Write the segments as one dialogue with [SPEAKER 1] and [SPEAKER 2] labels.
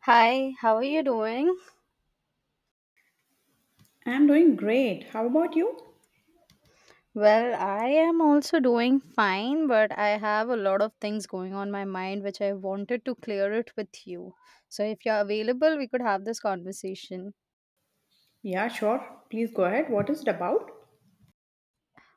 [SPEAKER 1] Hi, how are you doing?
[SPEAKER 2] I'm doing great. How about you?
[SPEAKER 1] Well, I am also doing fine, but I have a lot of things going on my mind which I wanted to clear it with you. So if you're available, we could have this conversation.
[SPEAKER 2] Yeah, sure. Please go ahead. What is it about?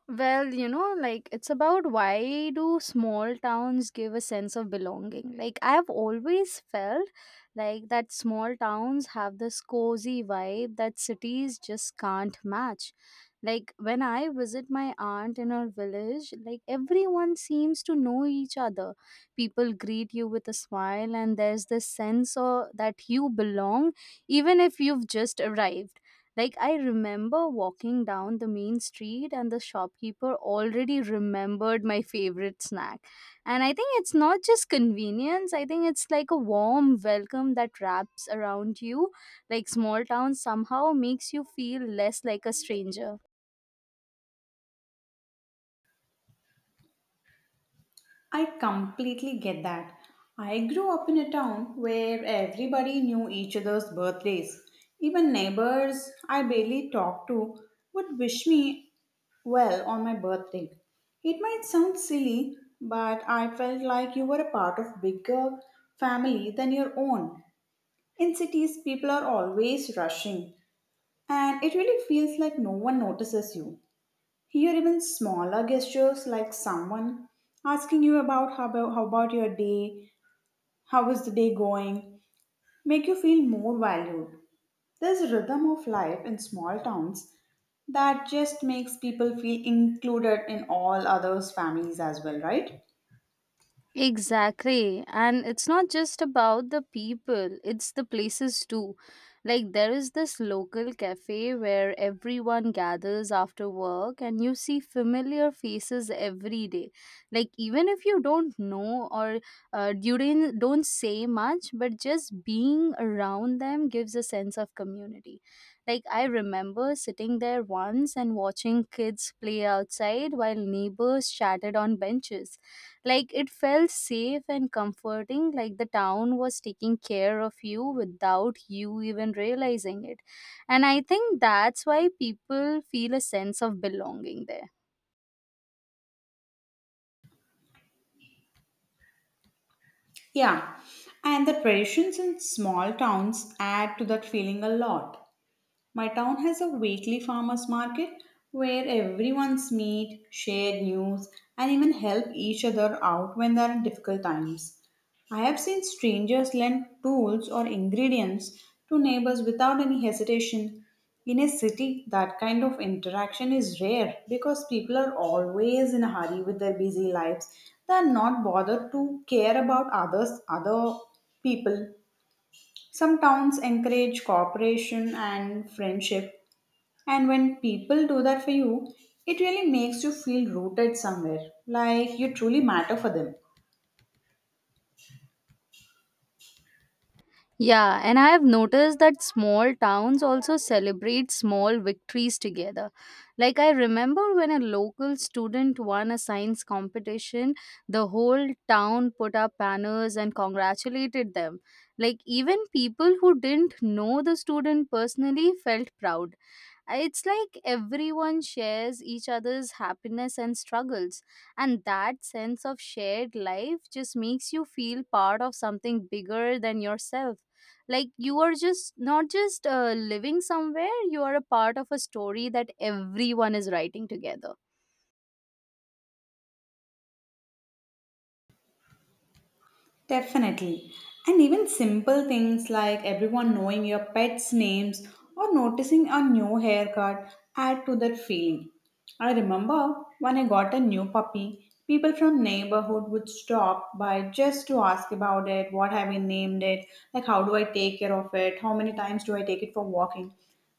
[SPEAKER 1] Well, like it's about why do small towns give a sense of belonging? Like I have always felt like that small towns have this cozy vibe that cities just can't match. Like when I visit my aunt in her village, like everyone seems to know each other. People greet you with a smile and there's this sense of that you belong even if you've just arrived. Like I remember walking down the main street and the shopkeeper already remembered my favorite snack. And I think it's not just convenience, I think it's like a warm welcome that wraps around you. Like small town somehow makes you feel less like a stranger.
[SPEAKER 2] I completely get that. I grew up in a town where everybody knew each other's birthdays. Even neighbors I barely talked to would wish me well on my birthday. It might sound silly, but I felt like you were a part of bigger family than your own. In cities people are always rushing and it really feels like no one notices you. Here, even smaller gestures like someone asking you about how about your day, how is the day going, make you feel more valued. There's a rhythm of life in small towns that just makes people feel included in all others' families as well, right?
[SPEAKER 1] Exactly. And it's not just about the people, it's the places too. Like, there is this local cafe where everyone gathers after work and you see familiar faces every day. Like, even if you don't know or you didn't, don't say much, but just being around them gives a sense of community. Like, I remember sitting there once and watching kids play outside while neighbors chatted on benches. Like it felt safe and comforting, like the town was taking care of you without you even realizing it. And I think that's why people feel a sense of belonging there.
[SPEAKER 2] Yeah, and the traditions in small towns add to that feeling a lot. My town has a weekly farmers market where everyone's meet, share news, and even help each other out when there are difficult times. I have seen strangers lend tools or ingredients to neighbors without any hesitation. In a city, that kind of interaction is rare because people are always in a hurry with their busy lives. They are not bothered to care about others, other people. Some towns encourage cooperation and friendship, and when people do that for you, it really makes you feel rooted somewhere, like you truly matter for them.
[SPEAKER 1] Yeah, and I have noticed that small towns also celebrate small victories together. Like, I remember when a local student won a science competition, the whole town put up banners and congratulated them. Like, even people who didn't know the student personally felt proud. It's like everyone shares each other's happiness and struggles, and that sense of shared life just makes you feel part of something bigger than yourself. Like you are just not just living somewhere, you are a part of a story that everyone is writing together.
[SPEAKER 2] Definitely. And even simple things like everyone knowing your pets' names or noticing a new haircut add to that feeling. I remember when I got a new puppy, people from neighborhood would stop by just to ask about it, what have you named it, like how do I take care of it, how many times do I take it for walking.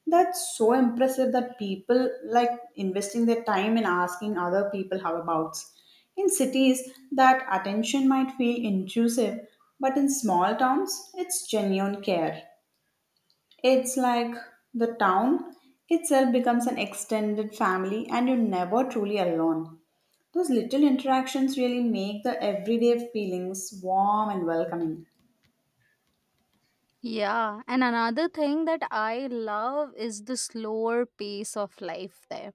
[SPEAKER 2] That's so impressive that people like investing their time in asking other people how abouts. In cities, that attention might feel intrusive, but in small towns, it's genuine care. It's like the town itself becomes an extended family and you're never truly alone. Those little interactions really make the everyday feelings warm and welcoming.
[SPEAKER 1] Yeah, and another thing that I love is the slower pace of life there.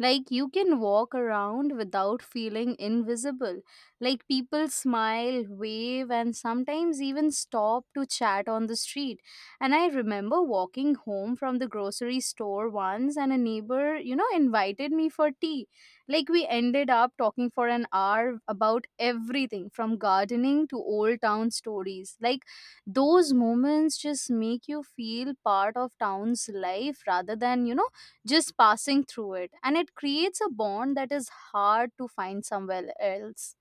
[SPEAKER 1] Like you can walk around without feeling invisible. Like people smile, wave, and sometimes even stop to chat on the street. And I remember walking home from the grocery store once, and a neighbor, invited me for tea. Like we ended up talking for an hour about everything from gardening to old town stories. Like those moments just make you feel part of town's life rather than just passing through it, and it creates a bond that is hard to find somewhere else.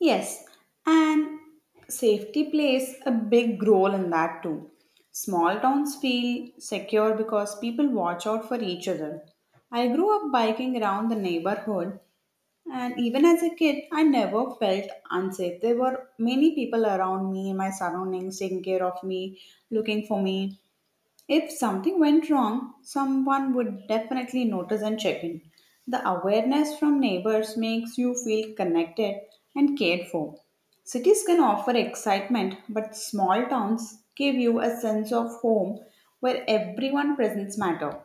[SPEAKER 2] Yes, and safety plays a big role in that too. Small towns feel secure because people watch out for each other. I grew up biking around the neighborhood, and even as a kid, I never felt unsafe. There were many people around me in my surroundings taking care of me, looking for me. If something went wrong, someone would definitely notice and check in. The awareness from neighbors makes you feel connected and cared for. Cities can offer excitement, but small towns give you a sense of home where everyone presence matter.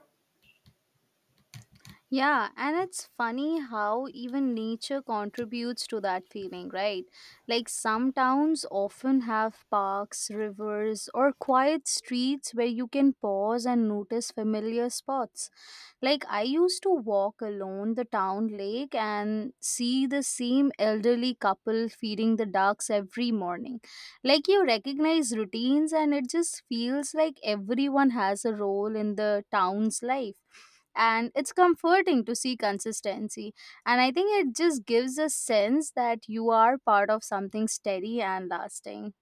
[SPEAKER 1] Yeah, and it's funny how even nature contributes to that feeling, right? Like some towns often have parks, rivers, or quiet streets where you can pause and notice familiar spots. Like I used to walk alone the town lake and see the same elderly couple feeding the ducks every morning, like you recognize routines and it just feels like everyone has a role in the town's life, and it's comforting to see consistency. And I think it just gives a sense that you are part of something steady and lasting.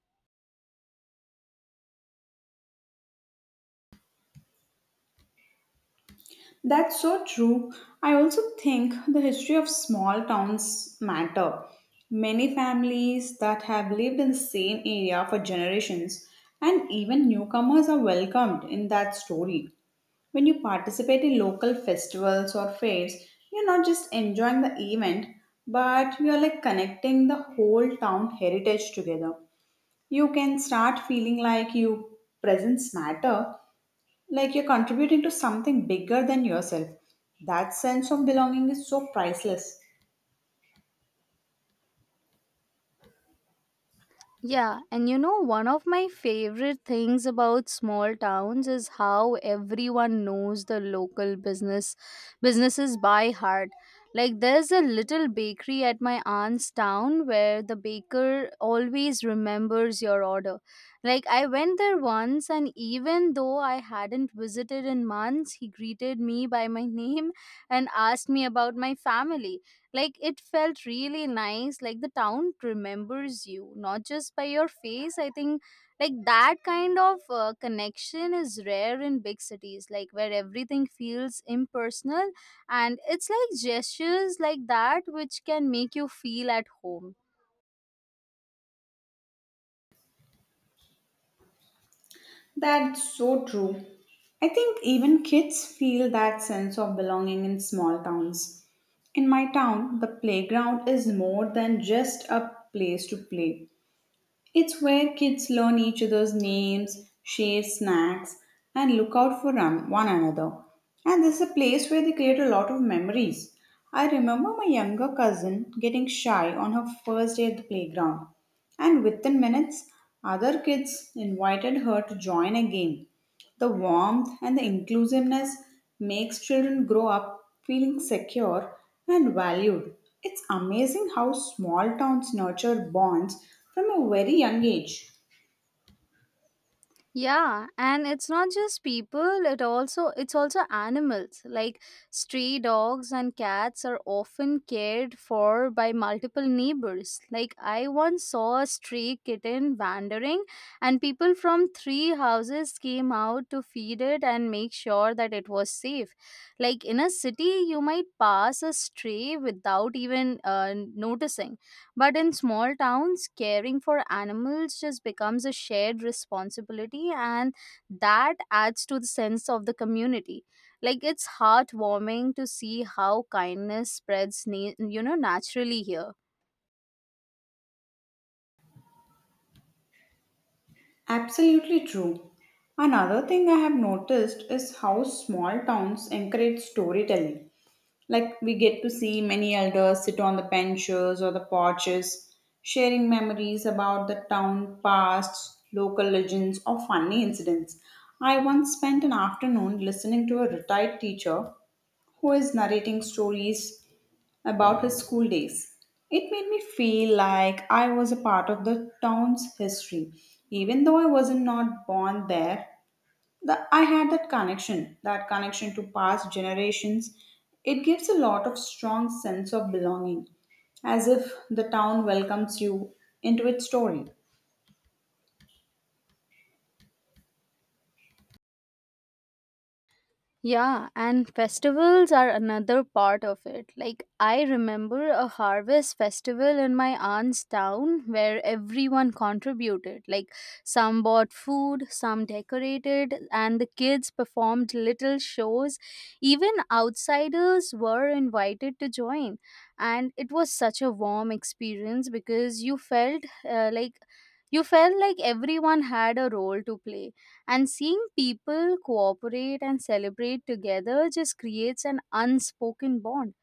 [SPEAKER 2] That's so true. I also think the history of small towns matter. Many families that have lived in the same area for generations and even newcomers are welcomed in that story. When you participate in local festivals or fairs, you're not just enjoying the event, but you're like connecting the whole town heritage together. You can start feeling like you presence matter, like you're contributing to something bigger than yourself. That sense of belonging is so priceless.
[SPEAKER 1] Yeah, and one of my favorite things about small towns is how everyone knows the local businesses by heart. Like there's a little bakery at my aunt's town where the baker always remembers your order. Like I went there once and even though I hadn't visited in months, he greeted me by my name and asked me about my family. Like it felt really nice. Like the town remembers you, not just by your face. I think like that kind of connection is rare in big cities, like where everything feels impersonal. And it's like gestures like that which can make you feel at home.
[SPEAKER 2] That's so true. I think even kids feel that sense of belonging in small towns. In my town, the playground is more than just a place to play. It's where kids learn each other's names, share snacks, and look out for one another. And this is a place where they create a lot of memories. I remember my younger cousin getting shy on her first day at the playground, and within minutes, other kids invited her to join a game. The warmth and the inclusiveness makes children grow up feeling secure and valued. It's amazing how small towns nurture bonds from a very young age.
[SPEAKER 1] Yeah, and it's not just people, it's also animals, like stray dogs and cats are often cared for by multiple neighbors. Like I once saw a stray kitten wandering and people from three houses came out to feed it and make sure that it was safe. Like in a city you might pass a stray without even noticing, but in small towns, caring for animals just becomes a shared responsibility, and that adds to the sense of the community. Like it's heartwarming to see how kindness spreads, naturally here.
[SPEAKER 2] Absolutely true. Another thing I have noticed is how small towns encourage storytelling. Like we get to see many elders sit on the benches or the porches, sharing memories about the town past, local legends, or funny incidents. I once spent an afternoon listening to a retired teacher who is narrating stories about his school days. It made me feel like I was a part of the town's history, even though I wasn't not born there, that I had that connection to past generations. It gives a lot of strong sense of belonging, as if the town welcomes you into its story.
[SPEAKER 1] Yeah, and festivals are another part of it. Like, I remember a harvest festival in my aunt's town where everyone contributed. Like, some bought food, some decorated, and the kids performed little shows. Even outsiders were invited to join. And it was such a warm experience because you felt like everyone had a role to play, and seeing people cooperate and celebrate together just creates an unspoken bond.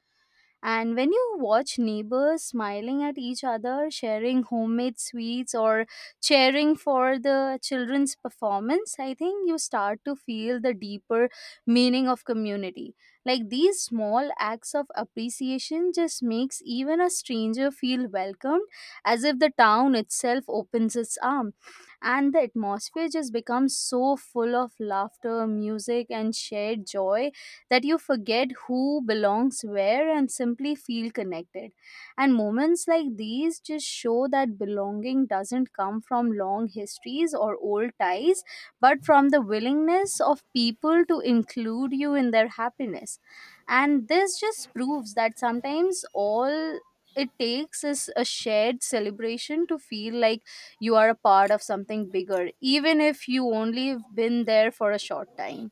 [SPEAKER 1] And when you watch neighbors smiling at each other, sharing homemade sweets, or cheering for the children's performance, I think you start to feel the deeper meaning of community. Like these small acts of appreciation just makes even a stranger feel welcomed, as if the town itself opens its arm. And the atmosphere just becomes so full of laughter, music, and shared joy that you forget who belongs where and simply feel connected. And moments like these just show that belonging doesn't come from long histories or old ties, but from the willingness of people to include you in their happiness. And this just proves that sometimes all it takes is a shared celebration to feel like you are a part of something bigger, even if you only have been there for a short time.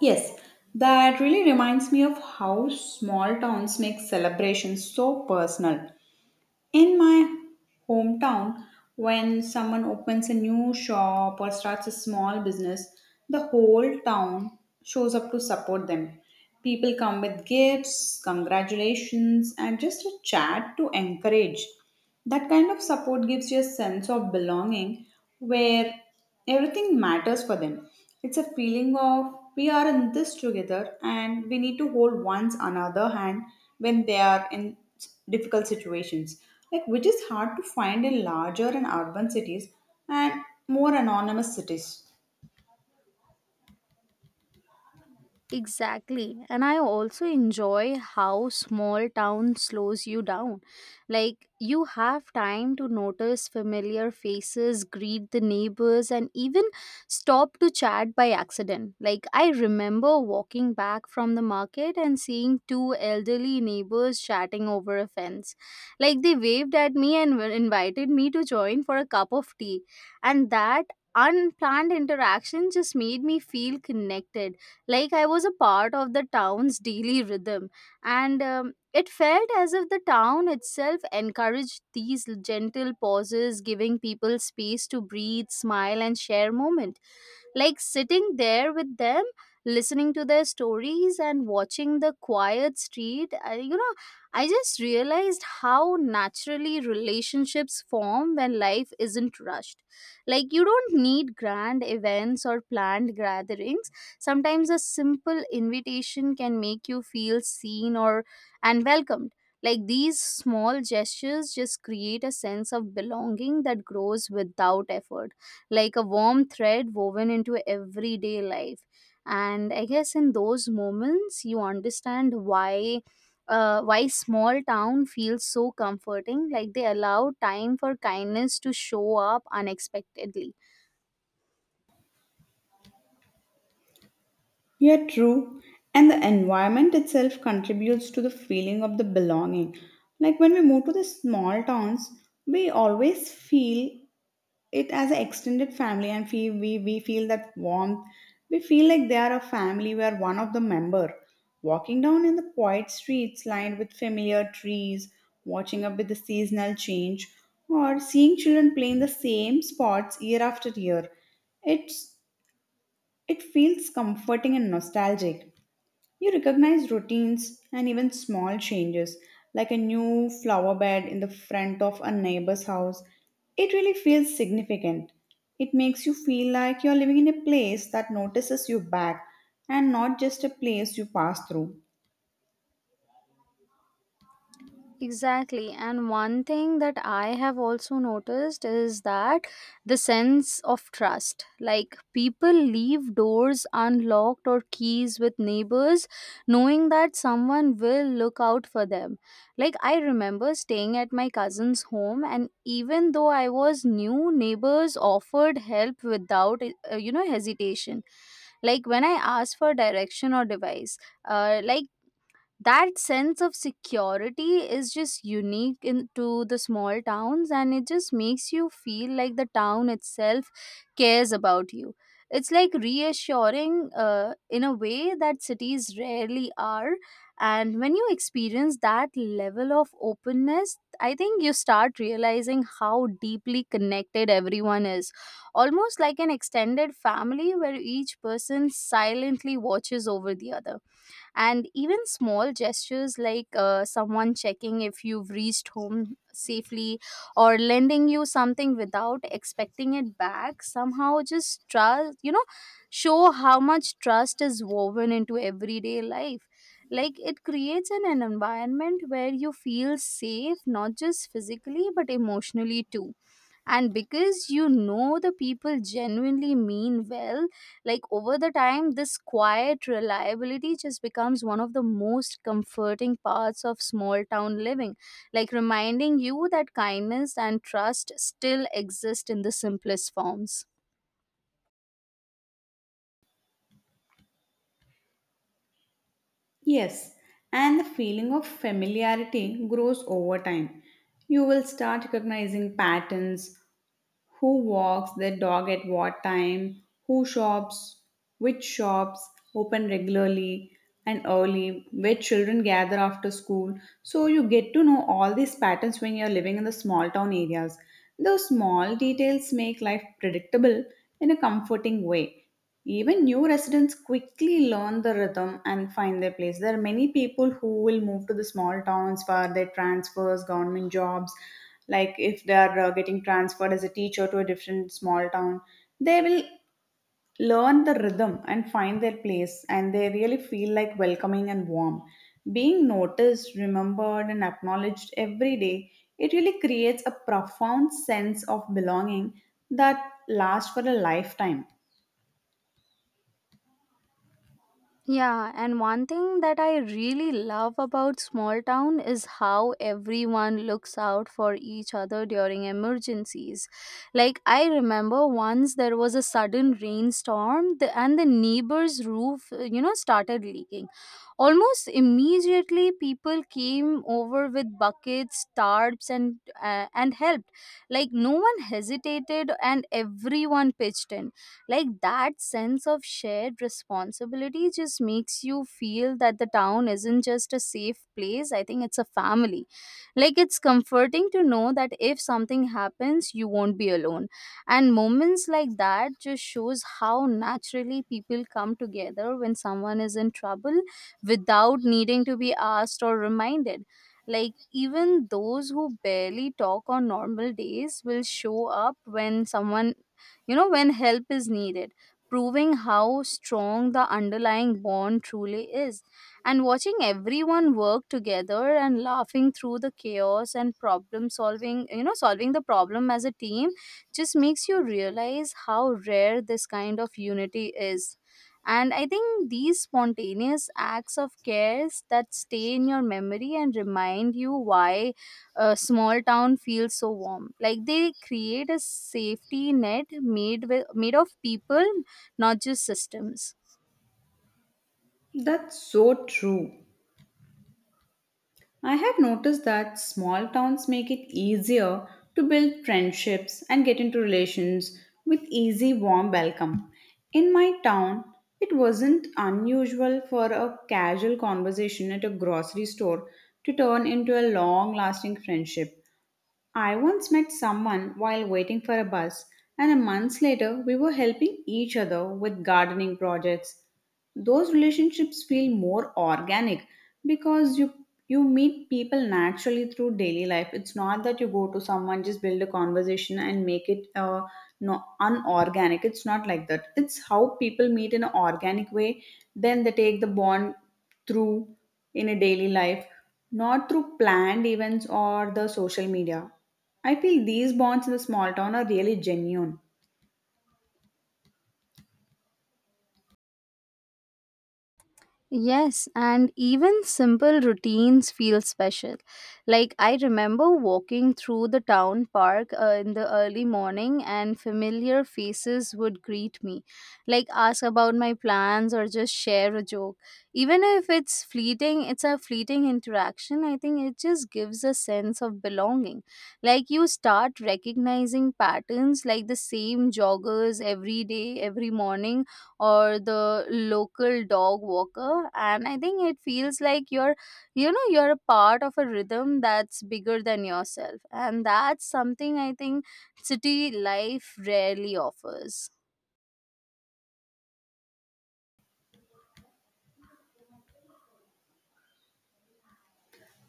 [SPEAKER 2] Yes, that really reminds me of how small towns make celebrations so personal. In my hometown, when someone opens a new shop or starts a small business, the whole town shows up to support them. People come with gifts, congratulations, and just a chat to encourage. That kind of support gives you a sense of belonging where everything matters for them. It's a feeling of we are in this together and we need to hold one's another hand when they are in difficult situations, like which is hard to find in larger and urban cities and more anonymous cities.
[SPEAKER 1] Exactly. And I also enjoy how small town slows you down. Like, you have time to notice familiar faces, greet the neighbors, and even stop to chat by accident. Like, I remember walking back from the market and seeing two elderly neighbors chatting over a fence. Like, they waved at me and invited me to join for a cup of tea. And that unplanned interaction just made me feel connected, like I was a part of the town's daily rhythm, and it felt as if the town itself encouraged these gentle pauses, giving people space to breathe, smile, and share moment. Like sitting there with them, listening to their stories and watching the quiet street, I, you know I just realized how naturally relationships form when life isn't rushed. Like you don't need grand events or planned gatherings. Sometimes a simple invitation can make you feel seen or and welcomed. Like these small gestures just create a sense of belonging that grows without effort, like a warm thread woven into everyday life. And I guess in those moments, you understand why small town feels so comforting, like they allow time for kindness to show up unexpectedly.
[SPEAKER 2] Yeah, true. And the environment itself contributes to the feeling of the belonging, like when we move to the small towns we always feel it as an extended family and we feel that warmth. We feel like they are a family where one of the member. Walking down in the quiet streets lined with familiar trees, watching up with the seasonal change, or seeing children playing the same spots year after year. It's it feels comforting and nostalgic. You recognize routines and even small changes, like a new flower bed in the front of a neighbor's house. It really feels significant. It makes you feel like you're living in a place that notices you back and not just a place you pass through.
[SPEAKER 1] Exactly. And one thing that I have also noticed is that the sense of trust. Like people leave doors unlocked or keys with neighbors, knowing that someone will look out for them. Like I remember staying at my cousin's home, and even though I was new, neighbors offered help without hesitation. Like when I asked for direction or device, like that sense of security is just unique to the small towns, and it just makes you feel like the town itself cares about you. It's like reassuring in a way that cities rarely are. And when you experience that level of openness, I think you start realizing how deeply connected everyone is, almost like an extended family where each person silently watches over the other. And even small gestures like someone checking if you've reached home safely or lending you something without expecting it back somehow just trust, show how much trust is woven into everyday life. Like it creates an environment where you feel safe, not just physically but emotionally too. And because you know the people genuinely mean well, like over the time this quiet reliability just becomes one of the most comforting parts of small town living, like reminding you that kindness and trust still exist in the simplest forms.
[SPEAKER 2] Yes, and the feeling of familiarity grows over time. You will start recognizing patterns, who walks their dog at what time, who shops, which shops open regularly and early, where children gather after school. So you get to know all these patterns when you're living in the small town areas. Those small details make life predictable in a comforting way. Even new residents quickly learn the rhythm and find their place. There are many people who will move to the small towns for their transfers, government jobs. Like if they are getting transferred as a teacher to a different small town, they will learn the rhythm and find their place, and they really feel like welcoming and warm. Being noticed, remembered, and acknowledged every day, it really creates a profound sense of belonging that lasts for a lifetime.
[SPEAKER 1] Yeah, and one thing that I really love about small town is how everyone looks out for each other during emergencies. Like I remember once there was a sudden rainstorm and the neighbor's roof, started leaking. Almost immediately people came over with buckets, tarps and helped. Like no one hesitated and everyone pitched in, like that sense of shared responsibility just makes you feel that the town isn't just a safe place, I think it's a family. Like it's comforting to know that if something happens you won't be alone, and moments like that just shows how naturally people come together when someone is in trouble, without needing to be asked or reminded. Like even those who barely talk on normal days will show up when someone, when help is needed, proving how strong the underlying bond truly is. And watching everyone work together and laughing through the chaos and problem solving, solving the problem as a team, just makes you realize how rare this kind of unity is. And I think these spontaneous acts of cares that stay in your memory and remind you why a small town feels so warm, like they create a safety net made with made of people, not just systems.
[SPEAKER 2] That's so true. I have noticed that small towns make it easier to build friendships and get into relations with easy, warm welcome. In my town, it wasn't unusual for a casual conversation at a grocery store to turn into a long lasting friendship. I once met someone while waiting for a bus, and a month later, we were helping each other with gardening projects. Those relationships feel more organic because you meet people naturally through daily life. It's not that you go to someone just build a conversation and make it no, unorganic. It's not like that, it's how people meet in an organic way, then they take the bond through in a daily life, not through planned events or the social media. I feel these bonds in the small town are really genuine.
[SPEAKER 1] Yes, and even simple routines feel special. Like, I remember walking through the town park in the early morning, and familiar faces would greet me, like, ask about my plans or just share a joke. Even if it's fleeting, it's a fleeting interaction. I think it just gives a sense of belonging. Like, you start recognizing patterns, like the same joggers every day, every morning, or the local dog walker, and I think it feels like you're you know you're a part of a rhythm that's bigger than yourself, and that's something I think city life rarely offers.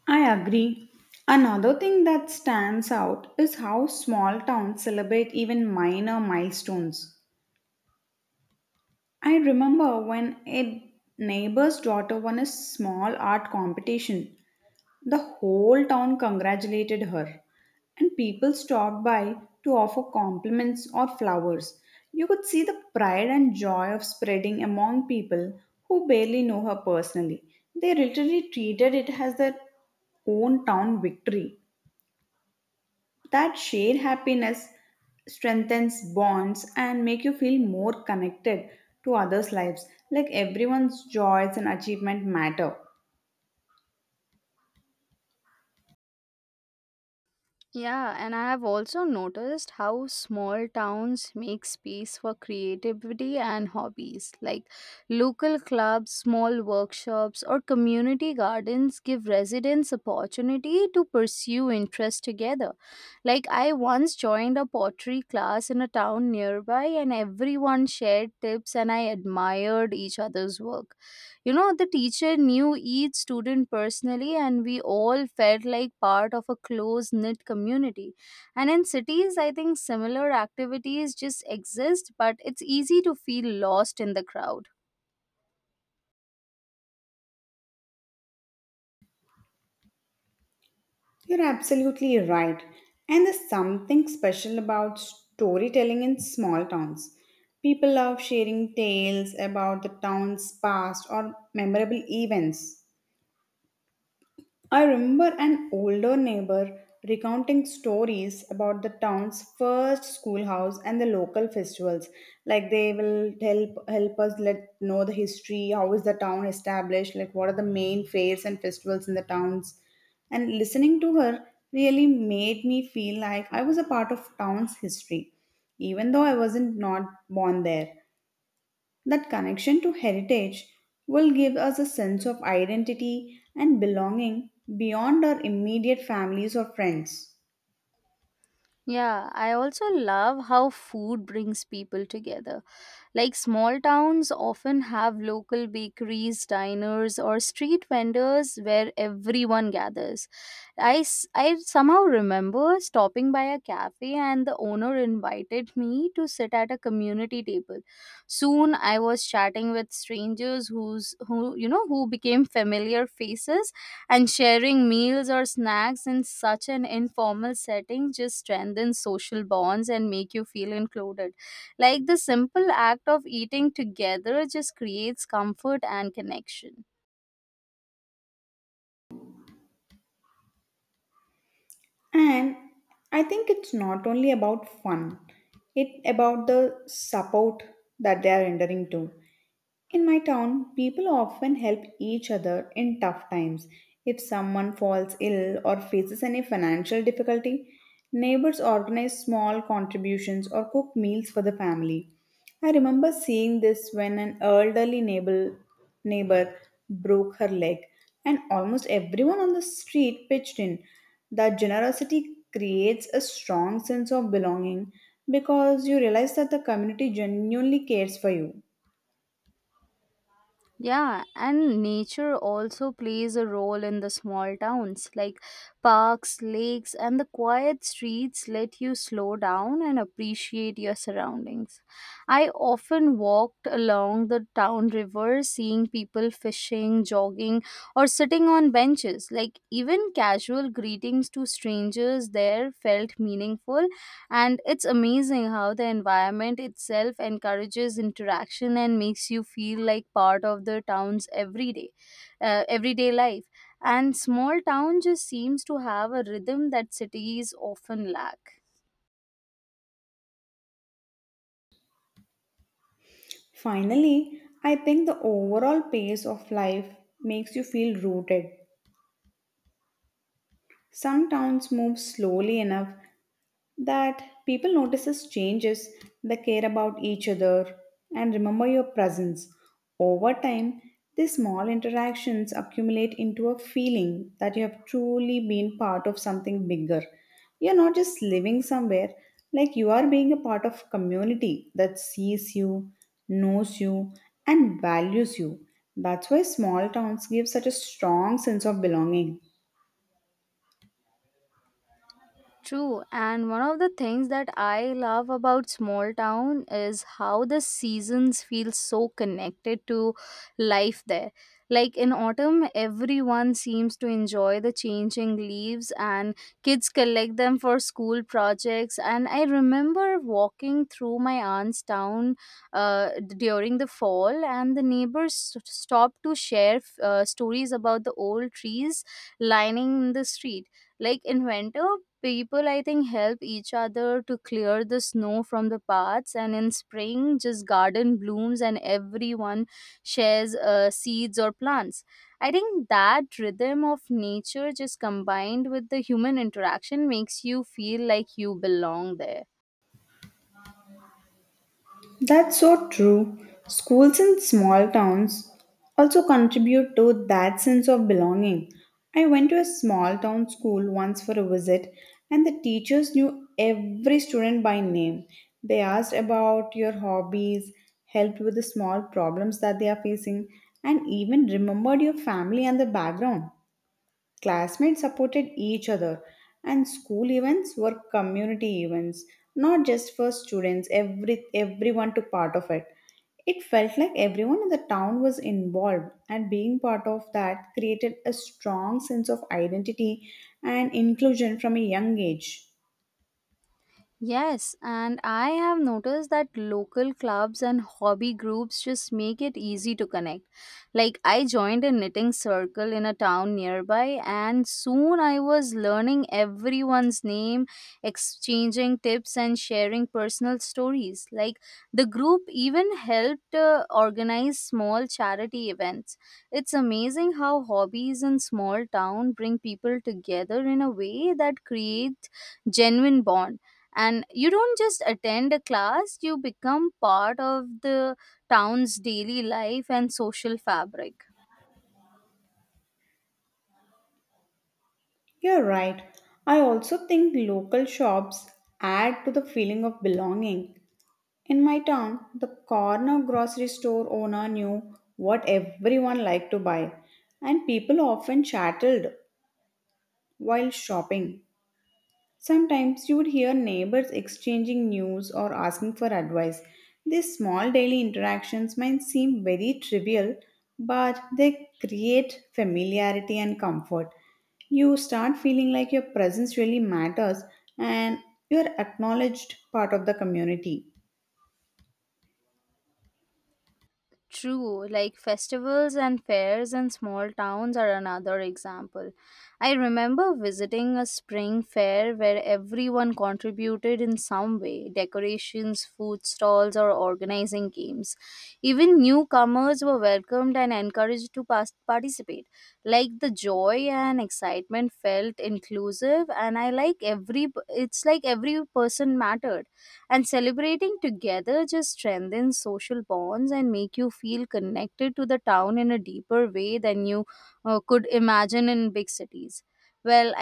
[SPEAKER 2] I agree. Another thing that stands out is how small towns celebrate even minor milestones. I remember when a neighbor's daughter won a small art competition, the whole town congratulated her, and people stopped by to offer compliments or flowers. You could see the pride and joy of spreading among people who barely know her personally. They literally treated it as their own town victory. That shared happiness strengthens bonds and make you feel more connected to others' lives. Like everyone's joys and achievement matter.
[SPEAKER 1] Yeah, and I have also noticed how small towns make space for creativity and hobbies. Like local clubs, small workshops, or community gardens give residents opportunity to pursue interests together. Like I once joined a pottery class in a town nearby, and everyone shared tips and I admired each other's work. You know, the teacher knew each student personally, and we all felt like part of a close knit community. And in cities, I think similar activities just exist, but it's easy to feel lost in the crowd.
[SPEAKER 2] You're absolutely right. And there's something special about storytelling in small towns. People love sharing tales about the town's past or memorable events. I remember an older neighbor recounting stories about the town's first schoolhouse and the local festivals. Like they will help us let know the history, how is the town established, like what are the main fairs and festivals in the towns. And listening to her really made me feel like I was a part of town's history, even though I wasn't not born there. That connection to heritage will give us a sense of identity and belonging beyond our immediate families or friends.
[SPEAKER 1] Yeah, I also love how food brings people together. Like small towns often have local bakeries, diners, or street vendors where everyone gathers. I somehow remember stopping by a cafe, and the owner invited me to sit at a community table. Soon I was chatting with strangers who's who you know who became familiar faces, and sharing meals or snacks in such an informal setting just strengthens social bonds and make you feel included. Like the simple act of eating together just creates comfort and connection.
[SPEAKER 2] And I think it's not only about fun, it's about the support that they are entering to. In my town, people often help each other in tough times. If someone falls ill or faces any financial difficulty, neighbors organize small contributions or cook meals for the family. I remember seeing this when an elderly neighbor broke her leg, and almost everyone on the street pitched in. That generosity creates a strong sense of belonging because you realize that the community genuinely cares for you.
[SPEAKER 1] Yeah, and nature also plays a role in the small towns. Like parks, lakes, and the quiet streets let you slow down and appreciate your surroundings. I often walked along the town river, seeing people fishing, jogging, or sitting on benches. Like even casual greetings to strangers there felt meaningful, and it's amazing how the environment itself encourages interaction and makes you feel like part of the town's everyday life, and small town just seems to have a rhythm that cities often lack.
[SPEAKER 2] Finally, I think the overall pace of life makes you feel rooted. Some towns move slowly enough that people notices changes, they care about each other and remember your presence. Over time these small interactions accumulate into a feeling that you have truly been part of something bigger. You're not just living somewhere, like you are being a part of a community that sees you, knows you, and values you. That's why small towns give such a strong sense of belonging.
[SPEAKER 1] True, and one of the things that I love about small town is how the seasons feel so connected to life there. Like in autumn, everyone seems to enjoy the changing leaves, and kids collect them for school projects. And I remember walking through my aunt's town during the fall, and the stopped to share stories about the old trees lining the street. Like in winter, people, I think, help each other to clear the snow from the paths, and in spring, just garden blooms and everyone shares seeds or plants. I think that rhythm of nature, just combined with the human interaction, makes you feel like you belong there.
[SPEAKER 2] That's so true. Schools in small towns also contribute to that sense of belonging. I went to a small town school once for a visit, and the teachers knew every student by name. They asked about your hobbies, helped with the small problems that they are facing, and even remembered your family and the background. Classmates supported each other, and school events were community events, not just for students, everyone took part of it. It felt like everyone in the town was involved, and being part of that created a strong sense of identity and inclusion from a young age.
[SPEAKER 1] Yes, and I have noticed that local clubs and hobby groups just make it easy to connect. Like, I joined a knitting circle in a town nearby, and soon I was learning everyone's name, exchanging tips, and sharing personal stories. Like, the group even helped organize small charity events. It's amazing how hobbies in small town bring people together in a way that creates genuine bonds, and you don't just attend a class, you become part of the town's daily life and social fabric.
[SPEAKER 2] You're right. I also think local shops add to the feeling of belonging. In my town, the corner grocery store owner knew what everyone liked to buy, and people often chatted while shopping. Sometimes you would hear neighbors exchanging news or asking for advice. These small daily interactions might seem very trivial, but they create familiarity and comfort. You start feeling like your presence really matters and you're acknowledged part of the community.
[SPEAKER 1] True, like festivals and fairs in small towns are another example. I remember visiting a spring fair where everyone contributed in some way, decorations, food stalls, or organizing games. Even newcomers were welcomed and encouraged to participate. Like the joy and excitement felt inclusive, and it's like every person mattered. And celebrating together just strengthens social bonds and make you feel connected to the town in a deeper way than you could imagine in big cities. Well,